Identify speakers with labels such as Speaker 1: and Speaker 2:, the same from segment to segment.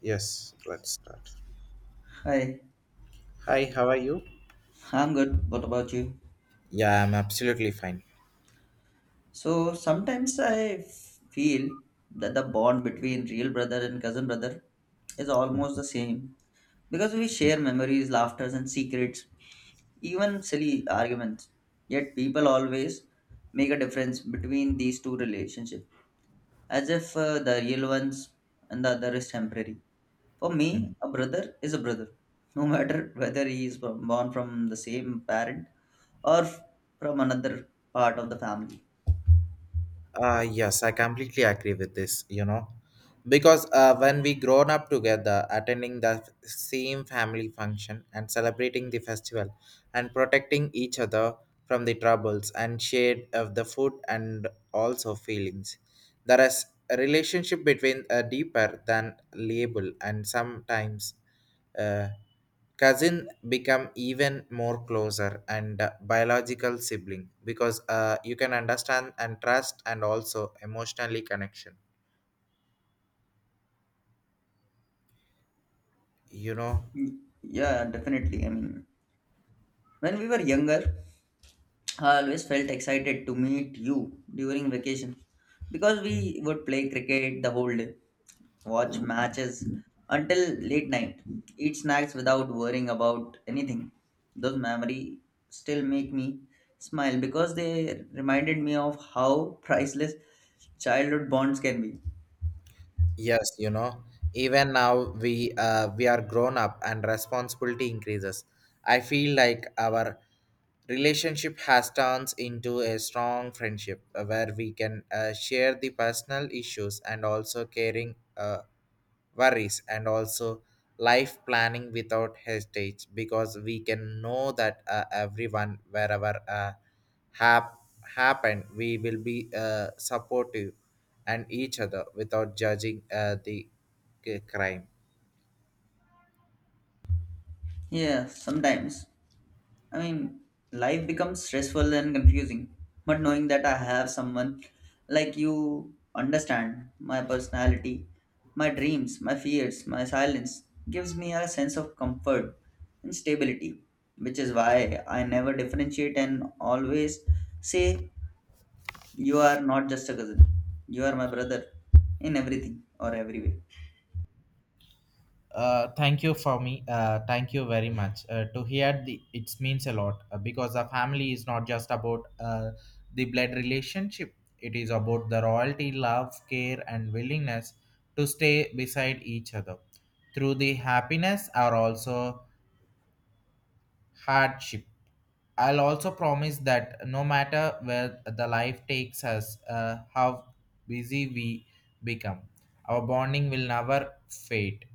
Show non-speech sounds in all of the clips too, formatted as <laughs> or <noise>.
Speaker 1: Yes, let's start.
Speaker 2: Hi,
Speaker 1: Hi, how are you?
Speaker 2: I'm good. What about you?
Speaker 1: Yeah, I'm absolutely fine.
Speaker 2: So sometimes I feel that the bond between real brother and cousin brother is almost the same because we share memories, laughters, and secrets, even silly arguments. Yet people always make a difference between these two relationships, as if the real ones and the other is temporary. For me,
Speaker 1: Mm.
Speaker 2: a brother is a brother, no matter whether he is born from the same parent or from another part of the family.
Speaker 1: Yes, I completely agree with this, because when we grown up together, attending the same family function and celebrating the festival and protecting each other from the troubles and shared of the food and also feelings. There is a relationship between deeper than label and sometimes uh, cousin become even more closer and biological sibling because you can understand and trust and also emotionally connection you know
Speaker 2: Mm, yeah, definitely. I mean, when we were younger, I always felt excited to meet you during vacation because we would play cricket the whole day, watch matches until late night, eat snacks without worrying about anything. Those memories still make me smile because they reminded me of how priceless childhood bonds can be.
Speaker 1: Yes, you know, even now we are grown up and responsibility increases. I feel like our relationship has turns into a strong friendship where we can share the personal issues and also caring worries and also life planning without hesitate because we can know that everyone wherever hap- happen, we will be supportive and each other without judging crime.
Speaker 2: Yeah, sometimes I mean, life becomes stressful and confusing. But knowing that I have someone like you understand my personality, my dreams, my fears, my silence gives me a sense of comfort and stability, which is why I never differentiate and always say, you are not just a cousin, you are my brother in everything or every way.
Speaker 1: Thank you for me. Thank you very much. To hear the it means a lot because the family is not just about the blood relationship. It is about the royalty, love, care, and willingness to stay beside each other through the happiness or also hardship. I'll also promise that no matter where the life takes us, how busy we become, our bonding will never fade.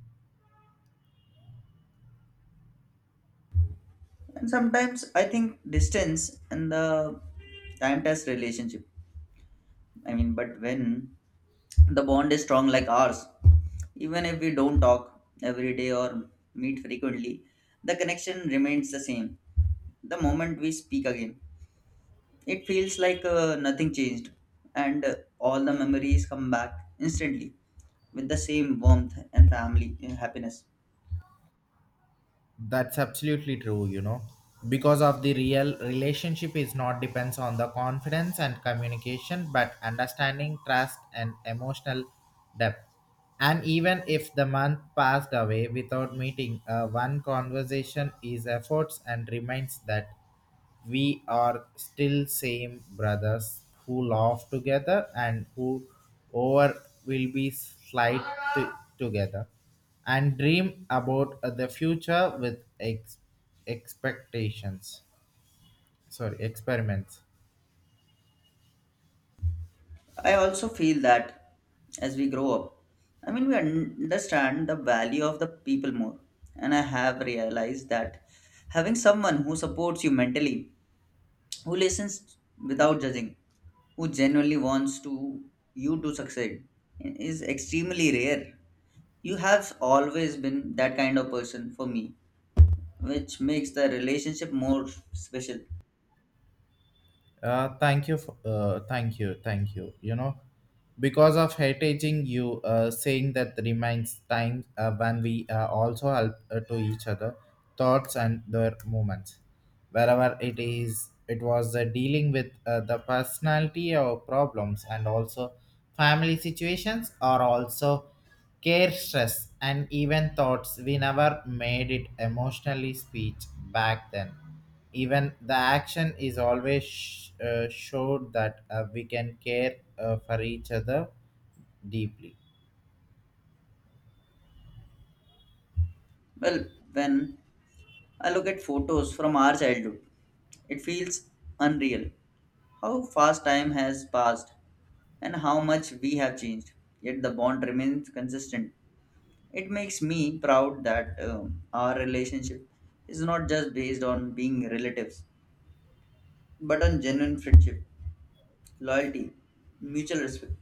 Speaker 2: And sometimes I think distance and the time test relationship. I mean, but when the bond is strong like ours, even if we don't talk every day or meet frequently, the connection remains the same. The moment we speak again, it feels like nothing changed, and all the memories come back instantly with the same warmth and family happiness.
Speaker 1: That's absolutely true, you know. Because of the real relationship is not depends on the confidence and communication, but understanding, trust, and emotional depth. And even if the month passed away without meeting, one conversation is efforts and reminds that we are still same brothers who laugh together and who over will be slight to- together and dream about the future with expectations. Sorry, experiments.
Speaker 2: I also feel that as we grow up, I mean, we understand the value of the people more, and I have realized that having someone who supports you mentally, who listens without judging, who genuinely wants to you to succeed is extremely rare. You have always been that kind of person for me, which makes the relationship more special.
Speaker 1: Thank you. You know, because of hating you, saying that reminds time when we also help to each other, thoughts and their movements, wherever it is. It was dealing with the personality or problems and also family situations are also care stress and even thoughts we never made it emotionally speech back then. Even the action is always showed that we can care for each other deeply.
Speaker 2: Well, when I look at photos from our childhood, it feels unreal how fast time has passed and how much we have changed, yet the bond remains consistent. It makes me proud that our relationship is not just based on being relatives, but on genuine friendship, loyalty, mutual respect.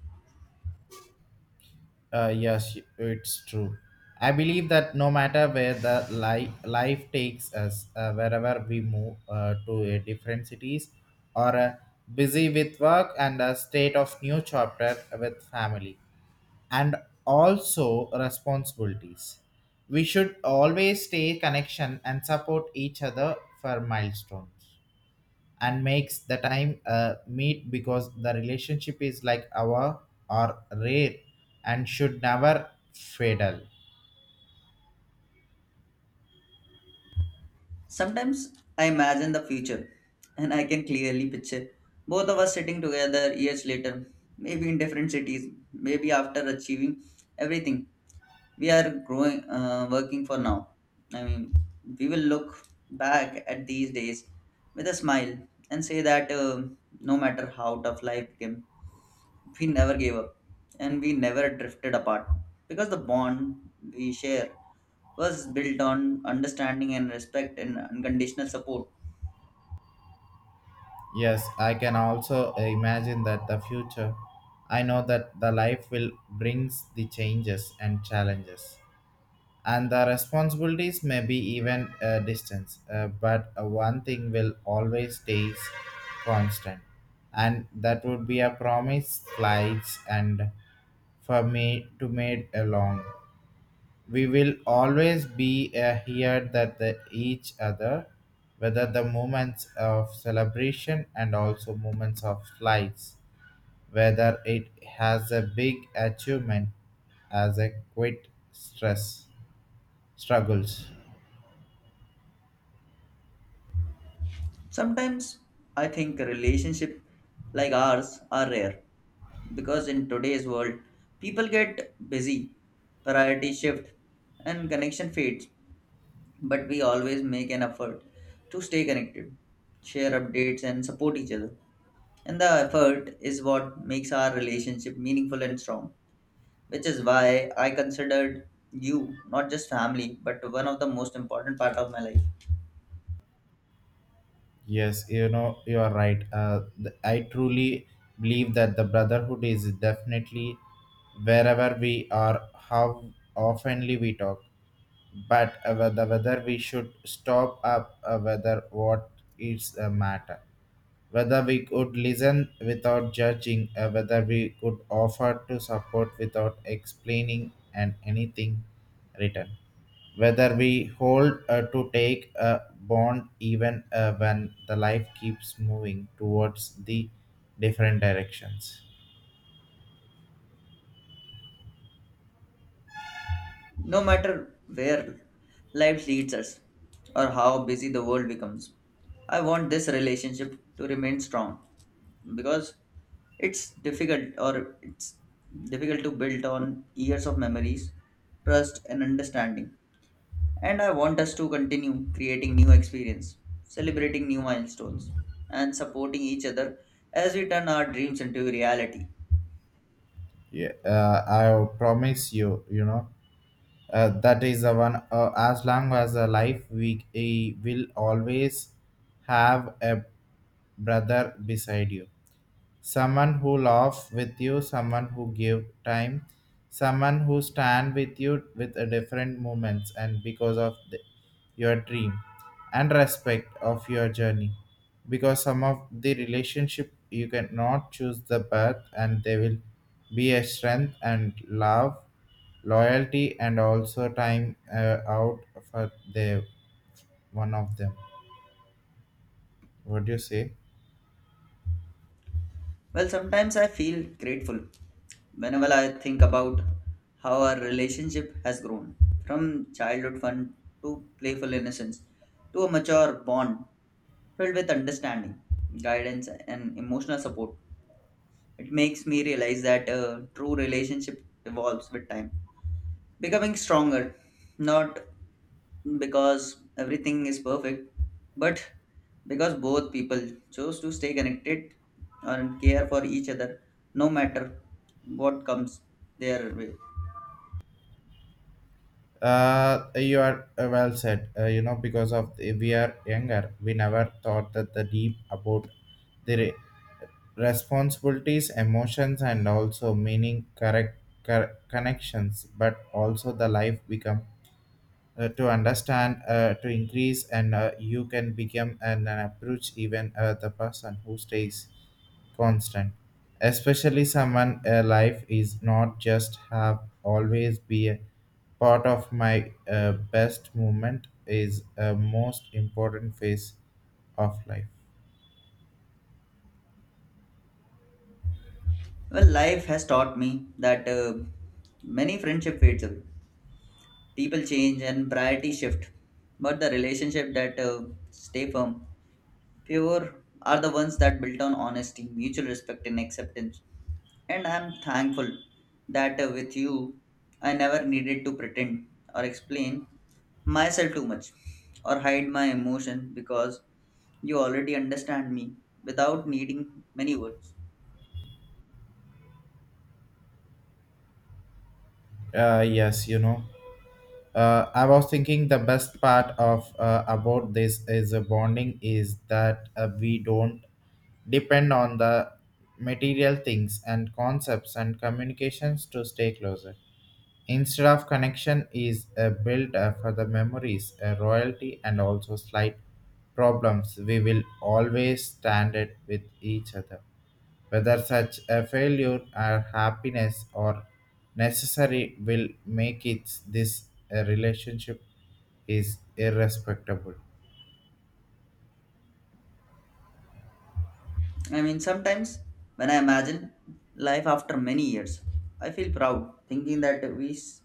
Speaker 1: Yes, it's true. I believe that no matter where the life takes us, wherever we move to a different cities or busy with work and a state of new chapter with family and also responsibilities. We should always stay connection and support each other for milestones and makes the time meet because the relationship is like our or rare and should never fatal.
Speaker 2: Sometimes I imagine the future, and I can clearly picture both of us sitting together years later, maybe in different cities, maybe after achieving everything we are growing, working for now. I mean, we will look back at these days with a smile and say that no matter how tough life became, we never gave up and we never drifted apart because the bond we share was built on understanding and respect and unconditional support.
Speaker 1: Yes, I can also imagine that the future. I know that the life will brings the changes and challenges, and the responsibilities may be even a distance. But one thing will always stays constant, and that would be a promise, flights, and for me to made along. We will always be here that the each other, whether the moments of celebration and also moments of lights, whether it has a big achievement as a quit stress struggles.
Speaker 2: Sometimes I think relationships like ours are rare because in today's world people get busy, priorities shift, and connection fades. But we always make an effort to stay connected, share updates, and support each other. And the effort is what makes our relationship meaningful and strong, which is why I considered you not just family but one of the most important part of my life.
Speaker 1: Yes, you know you are right. I truly believe that the brotherhood is definitely wherever we are, how oftenly we talk. But whether we should stop up whether what is the matter whether we could listen without judging whether we could offer to support without explaining and anything written whether we hold to take a bond even when the life keeps moving towards the different directions.
Speaker 2: No matter where life leads us or how busy the world becomes, I want this relationship to remain strong because it's difficult to build on years of memories, trust, and understanding. And I want us to continue creating new experience, celebrating new milestones, and supporting each other as we turn our dreams into reality.
Speaker 1: Yeah, I promise you, you know. That is the one. As long as a life, we will always have a brother beside you, someone who laugh with you, someone who give time, someone who stand with you with a different moments and because of the, your dream and respect of your journey. Because some of the relationship you cannot choose the path and they will be a strength and love, loyalty and also time out for the one of them. What do you say?
Speaker 2: Well, sometimes I feel grateful whenever I think about how our relationship has grown from childhood fun to playful innocence to a mature bond filled with understanding, guidance, and emotional support. It makes me realize that a true relationship evolves with time, becoming stronger, not because everything is perfect, but because both people chose to stay connected and care for each other no matter what comes their way.
Speaker 1: You are well said. You know, because of the, we are younger, we never thought that the deep about the responsibilities, emotions, and also meaning correct connections, but also the life become to understand to increase and you can become an approach even the person who stays constant, especially someone life is not just have always be a part of my best moment is a most important phase of life.
Speaker 2: Well, life has taught me that many friendship fades away. People change and priorities shift, but the relationship that stay firm, pure are the ones that built on honesty, mutual respect, and acceptance. And I'm thankful that with you, I never needed to pretend or explain myself too much or hide my emotion because you already understand me without needing many words.
Speaker 1: Yes, you know, I was thinking the best part of about this is a bonding is that we don't depend on the material things and concepts and communications to stay closer. Instead of connection is a build for the memories, a royalty, and also slight problems. We will always stand it with each other. Whether such a failure or happiness or necessary will make it this a relationship is irrespectable.
Speaker 2: I mean, sometimes when I imagine life after many years, I feel proud thinking that we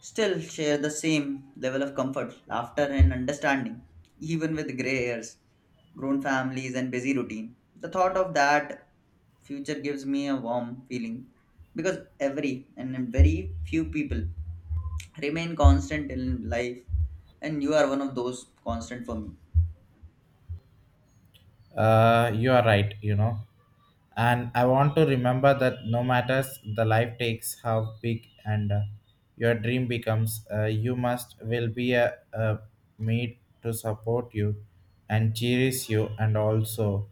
Speaker 2: still share the same level of comfort, laughter, and understanding, even with gray hairs, grown families, and busy routine. The thought of that future gives me a warm feeling because every and very few people remain constant in life, and you are one of those constant for me.
Speaker 1: You are right, you know. And I want to remember that no matters the life takes how big and your dream becomes, you must will be a made to support you and cherish you and also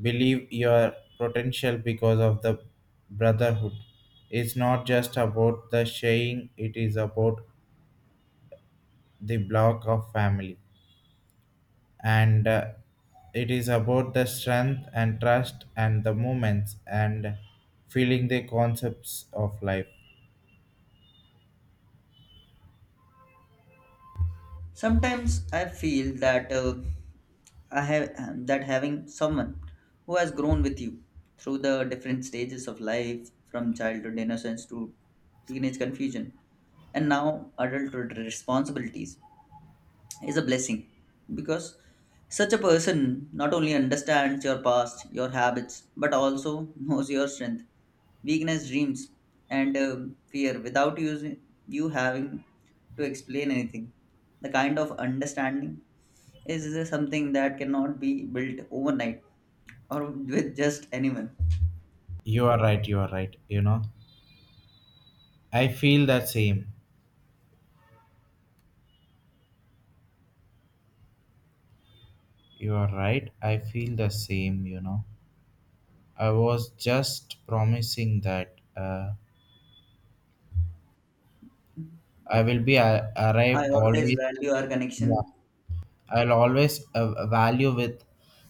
Speaker 1: believe your potential because of the brotherhood. It's not just about the sharing, it is about the block of family and it is about the strength and trust and the moments and feeling the concepts of life.
Speaker 2: Sometimes I feel that I have that having someone who has grown with you through the different stages of life, from childhood innocence to teenage confusion, and now adulthood responsibilities is a blessing because such a person not only understands your past, your habits, but also <laughs> knows your strength, weakness, dreams, and fear without using you having to explain anything. The kind of understanding is something that cannot be built overnight or with just anyone.
Speaker 1: You are right, you are right, you know. I feel the same. You are right, I feel the same, you know. I was just promising that I will be
Speaker 2: I
Speaker 1: arrive
Speaker 2: always
Speaker 1: always.
Speaker 2: value our
Speaker 1: Yeah,
Speaker 2: connection.
Speaker 1: I'll always value with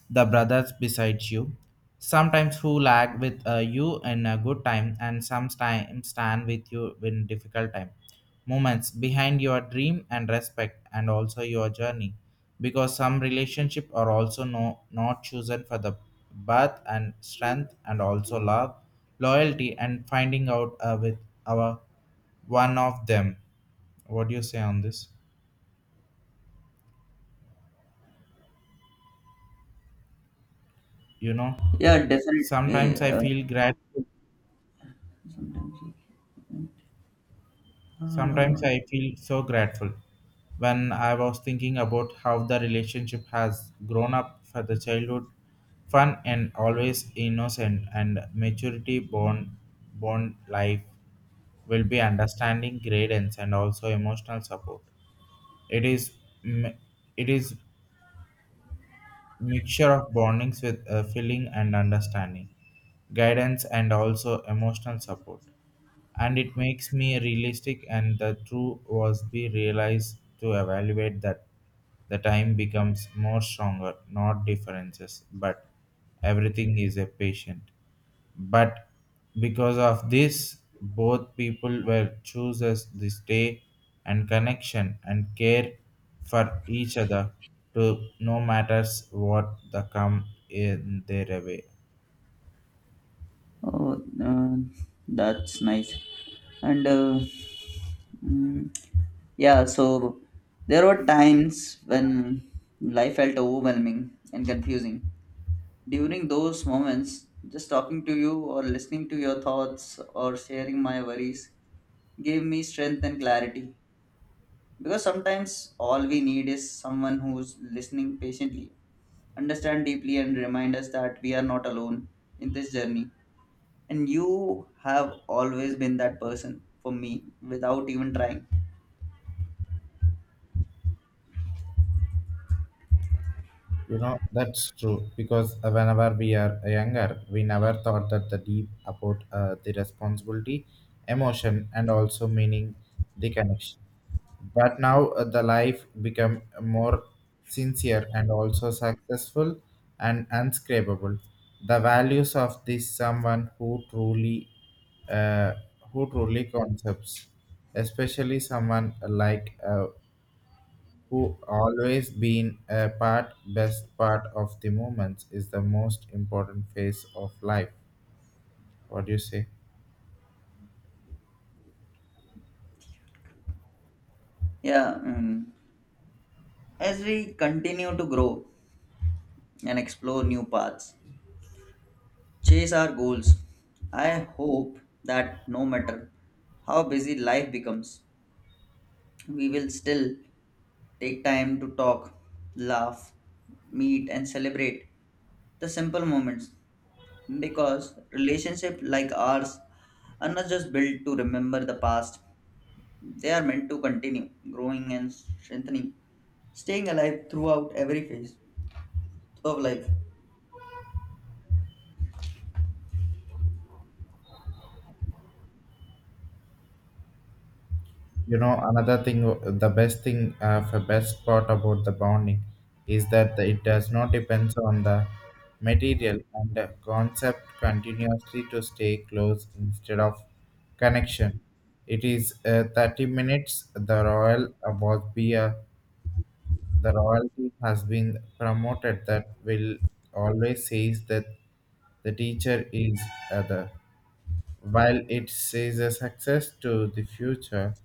Speaker 1: the brothers beside you. Sometimes who lag with you in a good time and sometimes stand with you in difficult time. Moments behind your dream and respect and also your journey. Because some relationship are also no, not chosen for the birth and strength and also love, loyalty and finding out with our one of them. What do you say on this? You know?
Speaker 2: Yeah, definitely.
Speaker 1: Sometimes I feel grateful.
Speaker 2: Sometimes. Uh,
Speaker 1: Sometimes I feel so grateful when I was thinking about how the relationship has grown up for the childhood, fun and always innocent and maturity born born life will be understanding guidance and also emotional support. It is m- it is mixture of bondings with feeling and understanding, guidance and also emotional support. And it makes me realistic and the true was be realized to evaluate that the time becomes more stronger, not differences, but everything is a patient but because of this both people were chooses the stay and connection and care for each other to no matters what the come in their way.
Speaker 2: Oh, that's nice. And mm, yeah, so there were times when life felt overwhelming and confusing. During those moments, just talking to you or listening to your thoughts or sharing my worries gave me strength and clarity. Because sometimes all we need is someone who's listening patiently, understand deeply, and remind us that we are not alone in this journey, and you have always been that person for me without even trying.
Speaker 1: You know that's true because whenever we are younger we never thought that the deep about the responsibility emotion and also meaning the connection. But now the life become more sincere and also successful and unscrapable. The values of this someone uh, who truly concepts, especially someone like who always been a part, best part of the moments is the most important phase of life. What do you say?
Speaker 2: Yeah, mm, as we continue to grow and explore new paths, chase our goals, I hope that no matter how busy life becomes, we will still take time to talk, laugh, meet and celebrate the simple moments, because relationships like ours are not just built to remember the past. They are meant to continue growing and strengthening, staying alive throughout every phase of life.
Speaker 1: You know, another thing, the best part about the bonding is that it does not depend on the material and the concept continuously to stay close instead of connection. It is 30 minutes. The royal was be a, the royalty has been promoted that will always says that the teacher is other while it sees a success to the future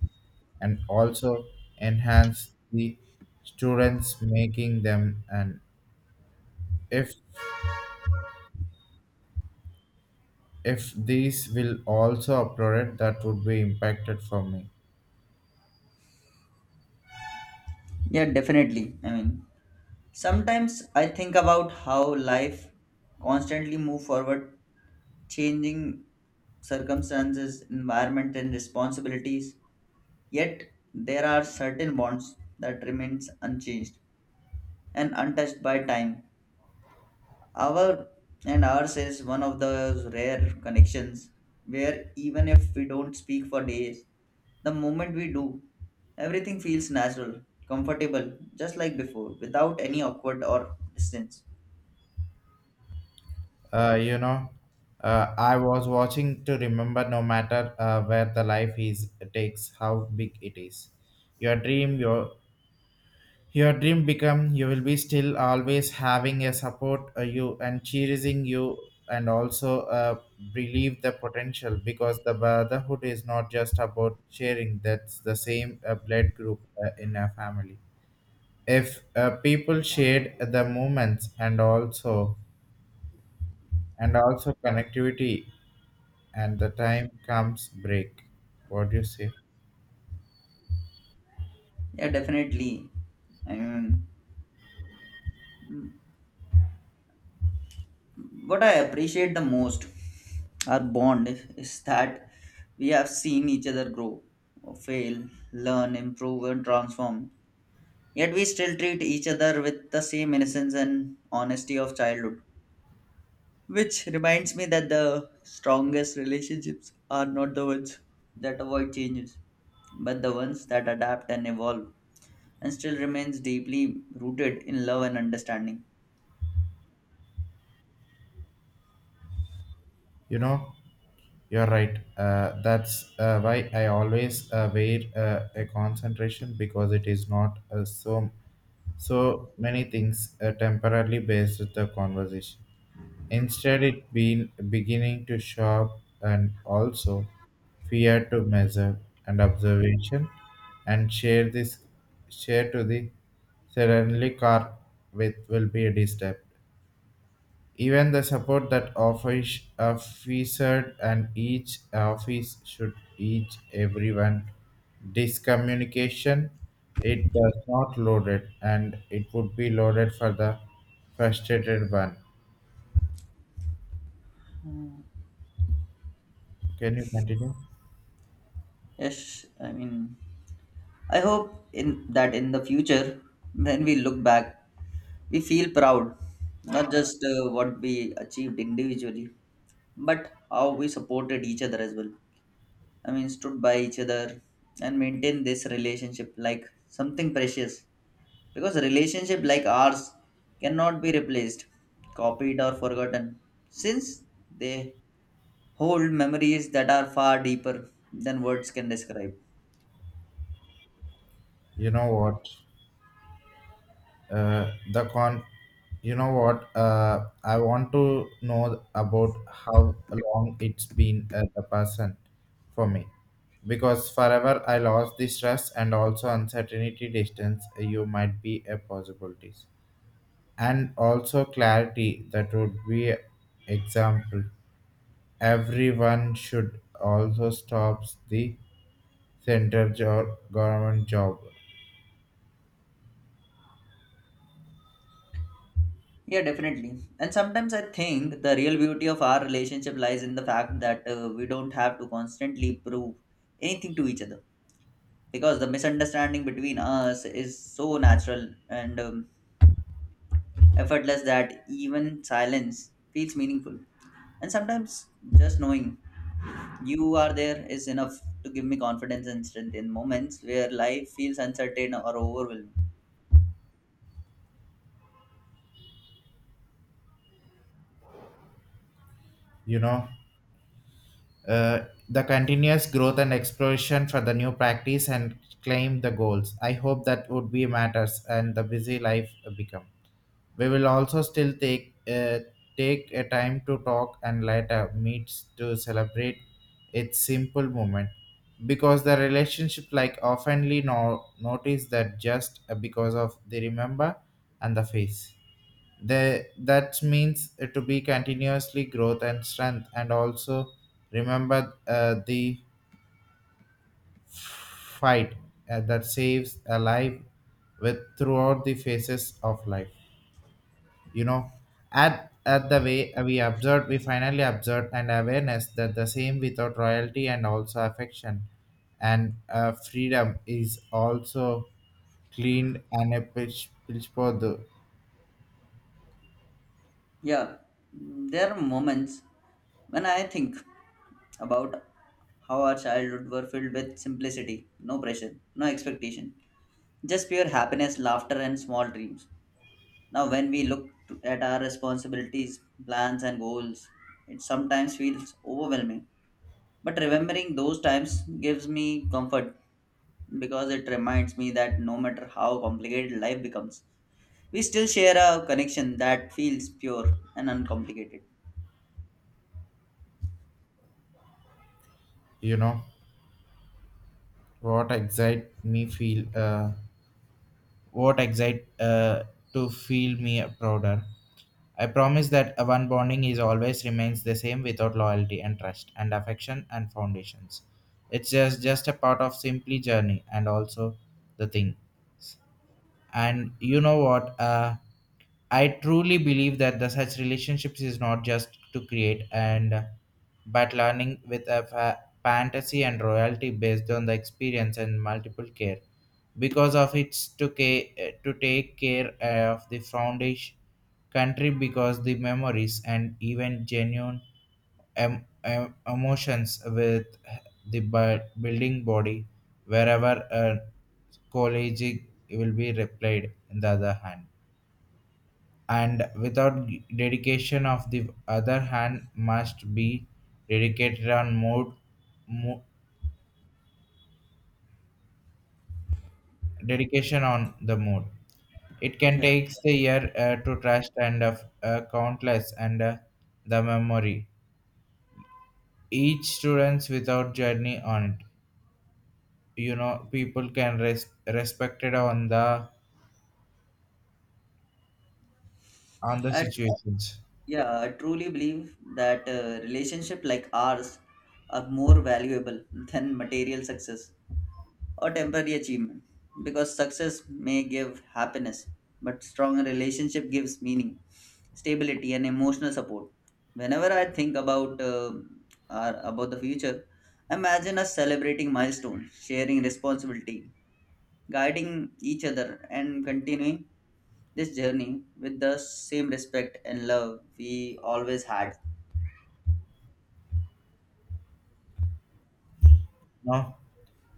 Speaker 1: and also enhance the students making them and if if these will also uploaded that would be impacted for me.
Speaker 2: Yeah, definitely. I mean, sometimes I think about how life constantly move forward, changing circumstances, environment, and responsibilities. Yet there are certain bonds that remains unchanged and untouched by time. Our ours is one of those rare connections where even if we don't speak for days, the moment we do, everything feels natural, comfortable, just like before, without any awkward or distance.
Speaker 1: You know, I was watching to remember no matter where the life is takes how big it is your dream, your dream become you will be still always having a support you and cheering you and also believe the potential because the brotherhood is not just about sharing that's the same blood group in a family if people shared the moments and also connectivity and the time comes break. What do you say?
Speaker 2: Yeah, definitely. I mean, what I appreciate the most our bond is that we have seen each other grow, fail, learn, improve, and transform. Yet we still treat each other with the same innocence and honesty of childhood. Which reminds me that the strongest relationships are not the ones that avoid changes, but the ones that adapt and evolve and still remains deeply rooted in love and understanding.
Speaker 1: You know, you're right. That's why I always wear a concentration because it is not so many things temporarily based with the conversation. Instead, it been beginning to shop and also fear to measure and observation and share this share to the suddenly car with will be a step. Even the support that office, officer and each office should each everyone discommunication it does not loaded and it would be loaded for the frustrated one. Can you continue?
Speaker 2: Yes, I mean, I hope in the future, when we look back, we feel proud, not just what we achieved individually, but how we supported each other as well. I mean, stood by each other and maintained this relationship like something precious because relationship like ours cannot be replaced, copied or forgotten since they hold memories that are far deeper than words can describe.
Speaker 1: You know what? The con you know what I want to know about how long it's been the person for me, because forever I lost the stress and also uncertainty distance. You might be a possibilities and also clarity that would be example. Everyone should also stops the central job, government job.
Speaker 2: Yeah, definitely, and sometimes I think the real beauty of our relationship lies in the fact that we don't have to constantly prove anything to each other because the misunderstanding between us is so natural and effortless that even silence feels meaningful. And sometimes just knowing you are there is enough to give me confidence and strength in moments where life feels uncertain or overwhelming.
Speaker 1: you know the continuous growth and exploration for the new practice and claim the goals. I hope that would be matters and the busy life become. We will also still take take a time to talk and later meets to celebrate its simple moment, because the relationship like oftenly notice that just because of the remember and the face. They, that means it to be continuously growth and strength and also remember the fight that saves a life with throughout the phases of life. You know, at the way we observed, we finally observed an awareness that the same without royalty and also affection and freedom is also cleaned and a pitch for the.
Speaker 2: Yeah, there are moments when I think about how our childhood were filled with simplicity, no pressure, no expectation, just pure happiness, laughter, and small dreams. Now, when we look at our responsibilities, plans, and goals, it sometimes feels overwhelming. But remembering those times gives me comfort because it reminds me that no matter how complicated life becomes, we still share a connection that feels pure and uncomplicated.
Speaker 1: you know what excite me feel uh, what excite to feel me prouder. I promise that a one bonding is always remains the same without loyalty and trust and affection and foundations. It's just a part of simply journey and also the thing. And you know what I truly believe that the such relationships is not just to create and but learning with a fantasy and royalty based on the experience and multiple care, because of its to, to take care of the foundation country, because the memories and even genuine emotions with the building body wherever a college will be replied in the other hand, and without dedication of the other hand must be dedicated on mo- dedication on the mode. It can
Speaker 2: Yeah,
Speaker 1: take the year to trust and of countless and the memory, each students without journey on it. You know, people can respected on the
Speaker 2: I,
Speaker 1: situations.
Speaker 2: yeah, I truly believe that relationship like ours are more valuable than material success or temporary achievement because success may give happiness but strong relationship gives meaning, stability and emotional support. Whenever I think about about the future, imagine us celebrating milestones, sharing responsibility, guiding each other and continuing this journey with the same respect and love we always had.
Speaker 1: No,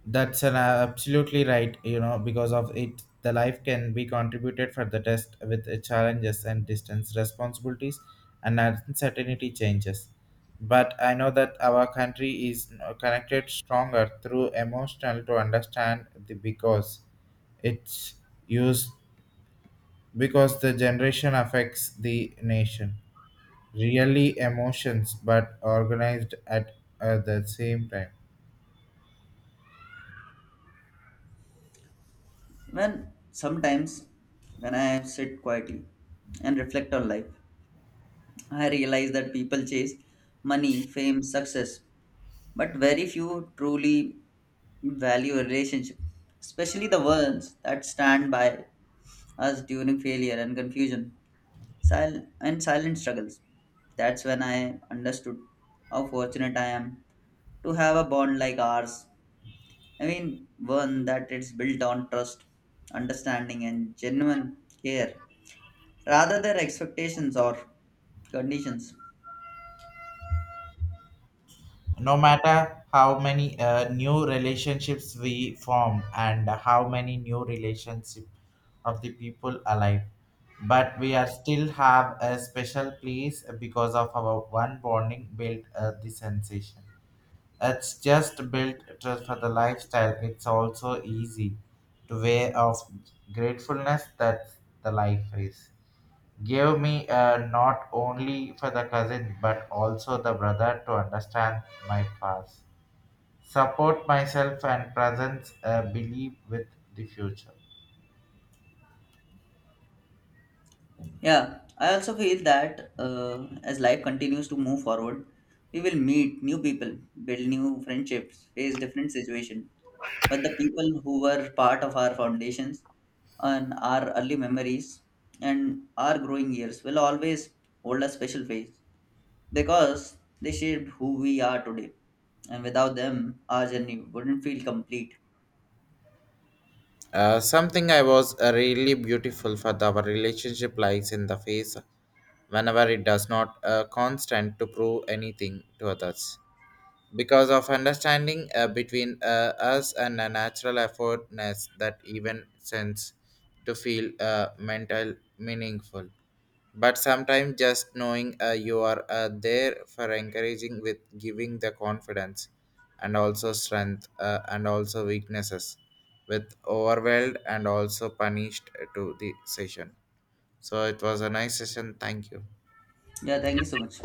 Speaker 1: that's an absolutely right, you know, because of it the life can be contributed for the test with challenges and distance responsibilities and uncertainty changes. But I know that our country is connected stronger through emotional to understand the, because it's used, because the generation affects the nation really emotions but organized at the same time.
Speaker 2: When sometimes when I sit quietly and reflect on life, I realize that people chase money, fame, success, but very few truly value a relationship, especially the ones that stand by us during failure and confusion, and silent struggles. That's when I understood how fortunate I am to have a bond like ours. I mean, one that is built on trust, understanding, and genuine care rather than expectations or conditions.
Speaker 1: No matter how many new relationships we form and how many new relationship of the people alive, but we are still have a special place because of our one bonding built the sensation. It's just built just for the lifestyle. It's also easy to way of gratefulness that the life is gave me not only for the cousin but also the brother to understand my past, support myself, and presence believe with the future.
Speaker 2: Yeah, I also feel that as life continues to move forward, we will meet new people, build new friendships, face different situations. But the people who were part of our foundations and our early memories and our growing years will always hold a special place because they shaped who we are today. And without them, our journey wouldn't feel complete.
Speaker 1: Something I was really beautiful for the, our relationship lies in the face whenever it does not constant to prove anything to others, because of understanding between us and a natural effortness that even sense to feel mental meaningful. But sometimes just knowing you are there for encouraging with giving the confidence and also strength and also weaknesses with overwhelmed and also punished to the session. So it was a nice session, thank you.
Speaker 2: Yeah, thank you so much.